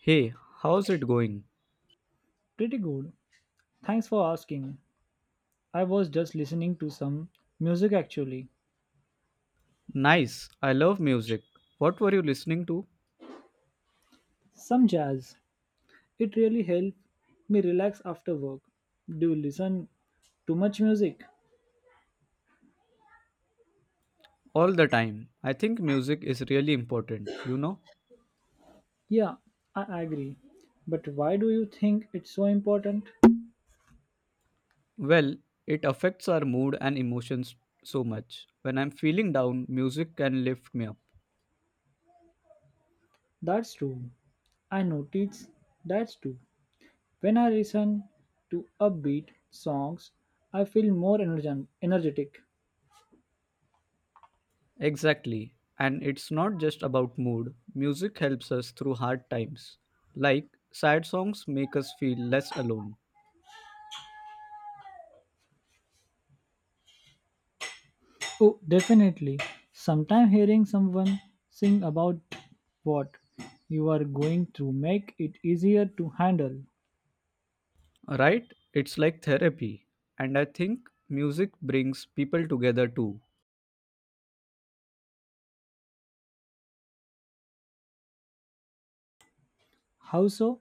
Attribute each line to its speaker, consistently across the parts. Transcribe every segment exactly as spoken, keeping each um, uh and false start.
Speaker 1: Hey, how's it going?
Speaker 2: Pretty good. Thanks for asking. I was just listening to some music actually,
Speaker 1: Nice. I love music. What were you listening to?
Speaker 2: some jazz. It really helped me relax after work. Do you listen too much music?
Speaker 1: All the time. I think music is really important, you know?
Speaker 2: Yeah, I agree. But why do you think it's so important?
Speaker 1: Well, it affects our mood and emotions so much. When I'm feeling down, music can lift me up.
Speaker 2: That's true. I notice that's true. When I listen to upbeat songs, I feel more energen- energetic.
Speaker 1: Exactly. And it's not just about mood, music helps us through hard times. Like, sad songs make us feel less alone,
Speaker 2: Oh, definitely. Sometimes hearing someone sing about what you are going through make it easier to handle.
Speaker 1: right? It's like therapy. And I think music brings people together too.
Speaker 2: How so?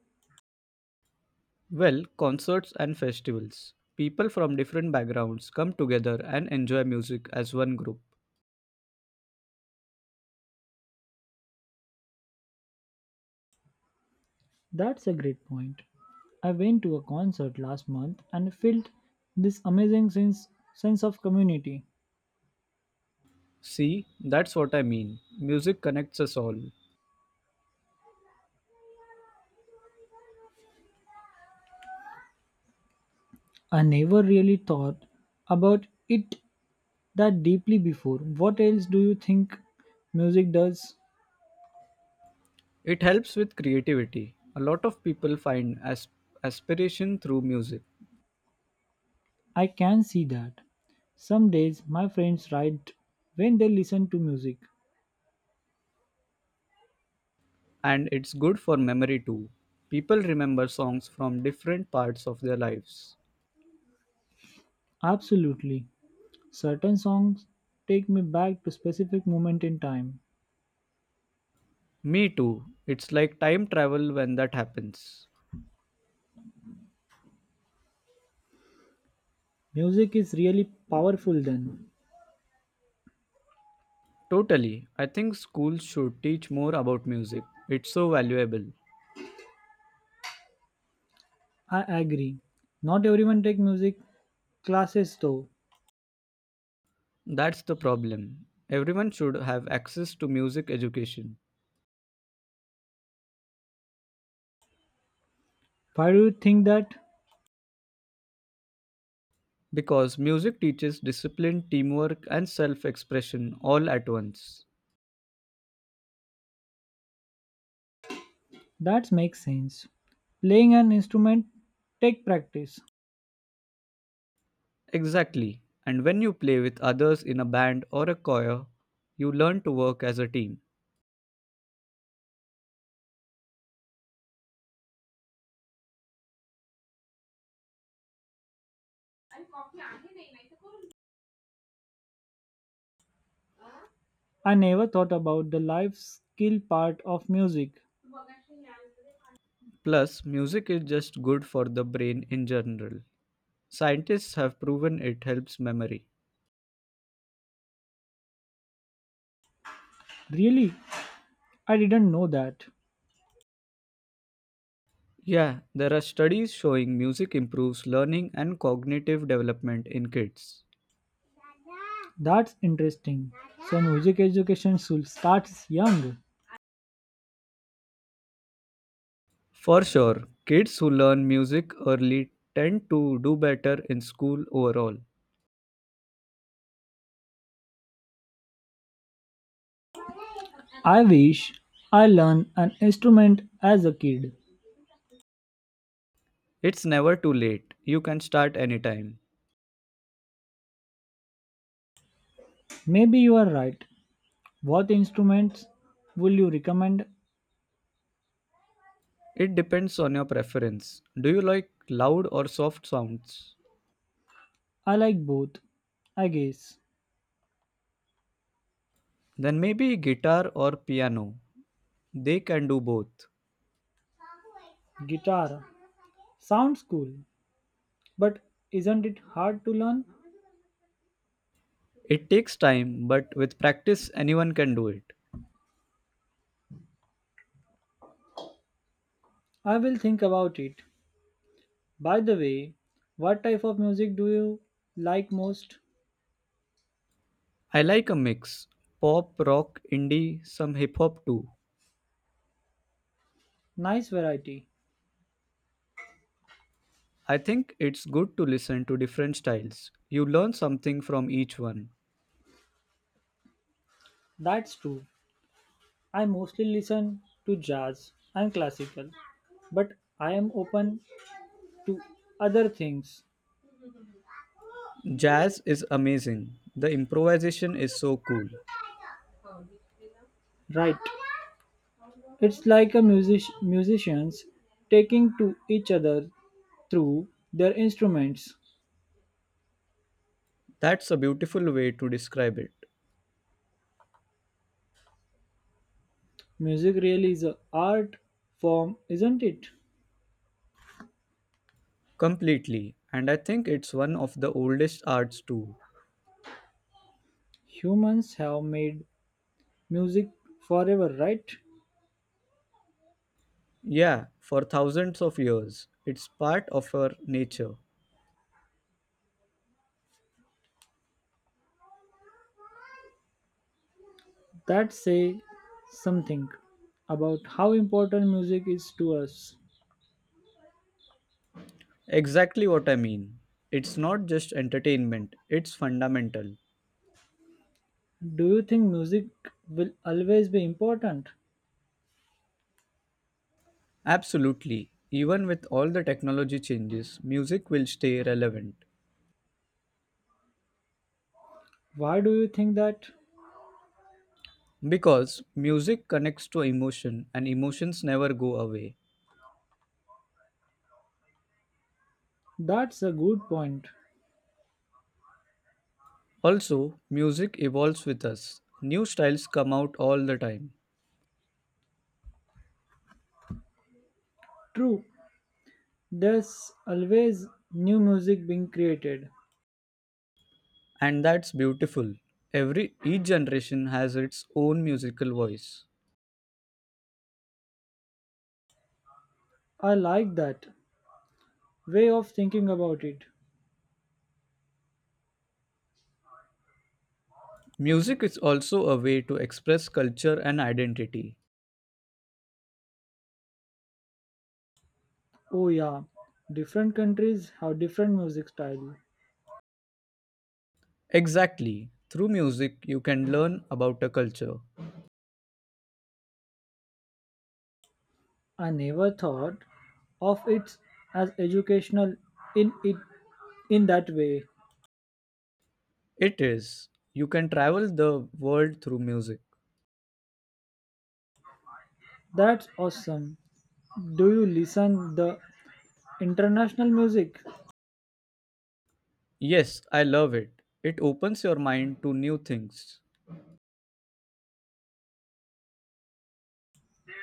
Speaker 1: Well, concerts and festivals. People from different backgrounds come together and enjoy music as one group.
Speaker 2: That's a great point. I went to a concert last month and felt this amazing sense, sense of community.
Speaker 1: See, that's what I mean. Music connects us all.
Speaker 2: I never really thought about it that deeply before. What else do you think music does?
Speaker 1: It helps with creativity. A lot of people find as- aspiration through music,
Speaker 2: I can see that. Some days my friends write when they listen to music.
Speaker 1: and it's good for memory too. People remember songs from different parts of their lives.
Speaker 2: Absolutely. Certain songs take me back to specific moment in time.
Speaker 1: Me too. It's like time travel when that happens.
Speaker 2: Music is really powerful then.
Speaker 1: Totally. I think schools should teach more about music. It's so valuable.
Speaker 2: I agree. Not everyone take music classes though.
Speaker 1: That's the problem. Everyone should have access to music education
Speaker 2: Why do you think that?
Speaker 1: because music teaches discipline, teamwork, and self expression all at once.
Speaker 2: That makes sense. Playing an instrument take practice.
Speaker 1: Exactly. And when you play with others in a band or a choir, you learn to work as a team.
Speaker 2: I never thought about the life skill part of music.
Speaker 1: Plus, music is just good for the brain in general. Scientists have proven it helps memory.
Speaker 2: Really? I didn't know that.
Speaker 1: Yeah, there are studies showing music improves learning and cognitive development in kids.
Speaker 2: That's interesting. So music education should start young.
Speaker 1: For sure, kids who learn music early tend to do better in school overall.
Speaker 2: I wish I learned an instrument as a kid.
Speaker 1: It's never too late. You can start anytime.
Speaker 2: Maybe you are right. What instruments will you recommend?
Speaker 1: It depends on your preference. Do you like loud or soft sounds?
Speaker 2: I like both, I guess.
Speaker 1: Then maybe guitar or piano. They can do both.
Speaker 2: Guitar sounds cool, but isn't it hard to learn?
Speaker 1: It takes time, but with practice, anyone can do it.
Speaker 2: I will think about it. By the way, what type of music do you like most?
Speaker 1: I like a mix pop, rock, indie, some hip hop too.
Speaker 2: Nice variety.
Speaker 1: I think it's good to listen to different styles. You learn something from each one.
Speaker 2: That's true. I mostly listen to jazz and classical, but I am open to other things.
Speaker 1: Jazz is amazing. The improvisation is so cool.
Speaker 2: Right. It's like a music musicians taking to each other through their instruments.
Speaker 1: That's a beautiful way to describe it.
Speaker 2: Music really is a art form, isn't it?
Speaker 1: Completely. And I think it's one of the oldest arts too.
Speaker 2: Humans have made music forever, right?
Speaker 1: Yeah, for thousands of years. It's part of our nature.
Speaker 2: That say something about how important music is to us.
Speaker 1: Exactly what I mean. It's not just entertainment, it's fundamental.
Speaker 2: Do you think music will always be important?
Speaker 1: Absolutely. Even with all the technology changes, music will stay relevant.
Speaker 2: Why do you think that?
Speaker 1: Because music connects to emotion and emotions never go away.
Speaker 2: That's a good point.
Speaker 1: Also, music evolves with us. New styles come out all the time,
Speaker 2: True, there's always new music being created.
Speaker 1: and that's beautiful. Every each generation has its own musical voice.
Speaker 2: I like that way of thinking about it.
Speaker 1: Music is also a way to express culture and identity.
Speaker 2: Oh, yeah, different countries have different music style.
Speaker 1: Exactly. Through music, you can learn about a culture.
Speaker 2: I never thought of it as educational in it in that way.
Speaker 1: It is. You can travel the world through music.
Speaker 2: That's awesome. Do you listen the international music?
Speaker 1: Yes, I love it. It opens your mind to new things.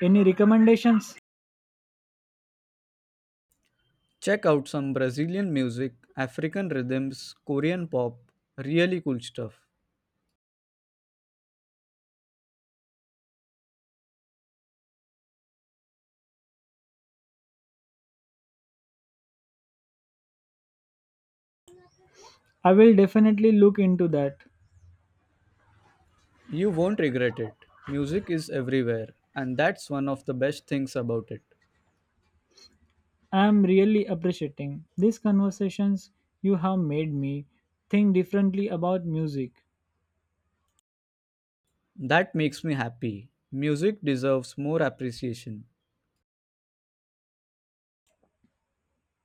Speaker 2: Any recommendations?
Speaker 1: Check out some Brazilian music, African rhythms, Korean pop, really cool stuff.
Speaker 2: I will definitely look into that.
Speaker 1: You won't regret it. Music is everywhere, and that's one of the best things about it.
Speaker 2: I'm really appreciating these conversations. You have made me think differently about music.
Speaker 1: That makes me happy. Music deserves more appreciation.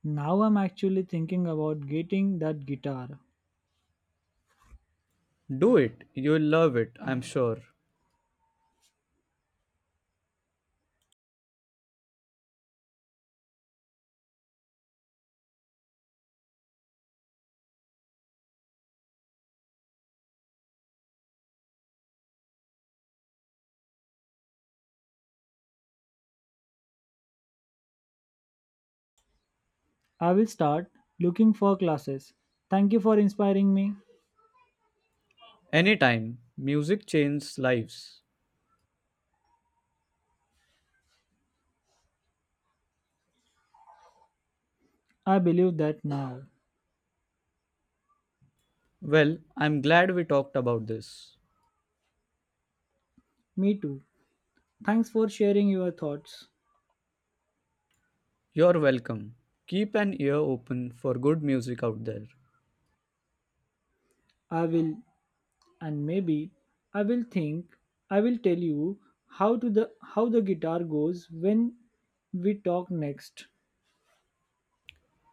Speaker 2: Now I'm actually thinking about getting that guitar.
Speaker 1: Do it, you'll love it, I'm sure.
Speaker 2: I will start looking for classes. Thank you for inspiring me.
Speaker 1: Anytime, music changes lives.
Speaker 2: I believe that now.
Speaker 1: Well, I'm glad we talked about this.
Speaker 2: Me too. Thanks for sharing your thoughts.
Speaker 1: You're welcome. Keep an ear open for good music out there.
Speaker 2: I will and maybe I will think I will tell you how to the how the guitar goes when we talk next.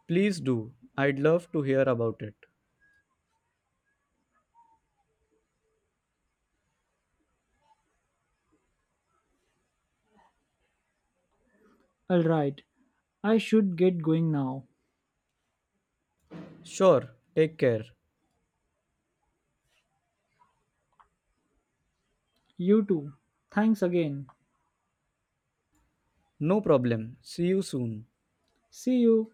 Speaker 1: Please do. I'd love to hear about it.
Speaker 2: All right, I should get going now.
Speaker 1: Sure, take care.
Speaker 2: You too. Thanks again.
Speaker 1: No problem. See you soon.
Speaker 2: See you.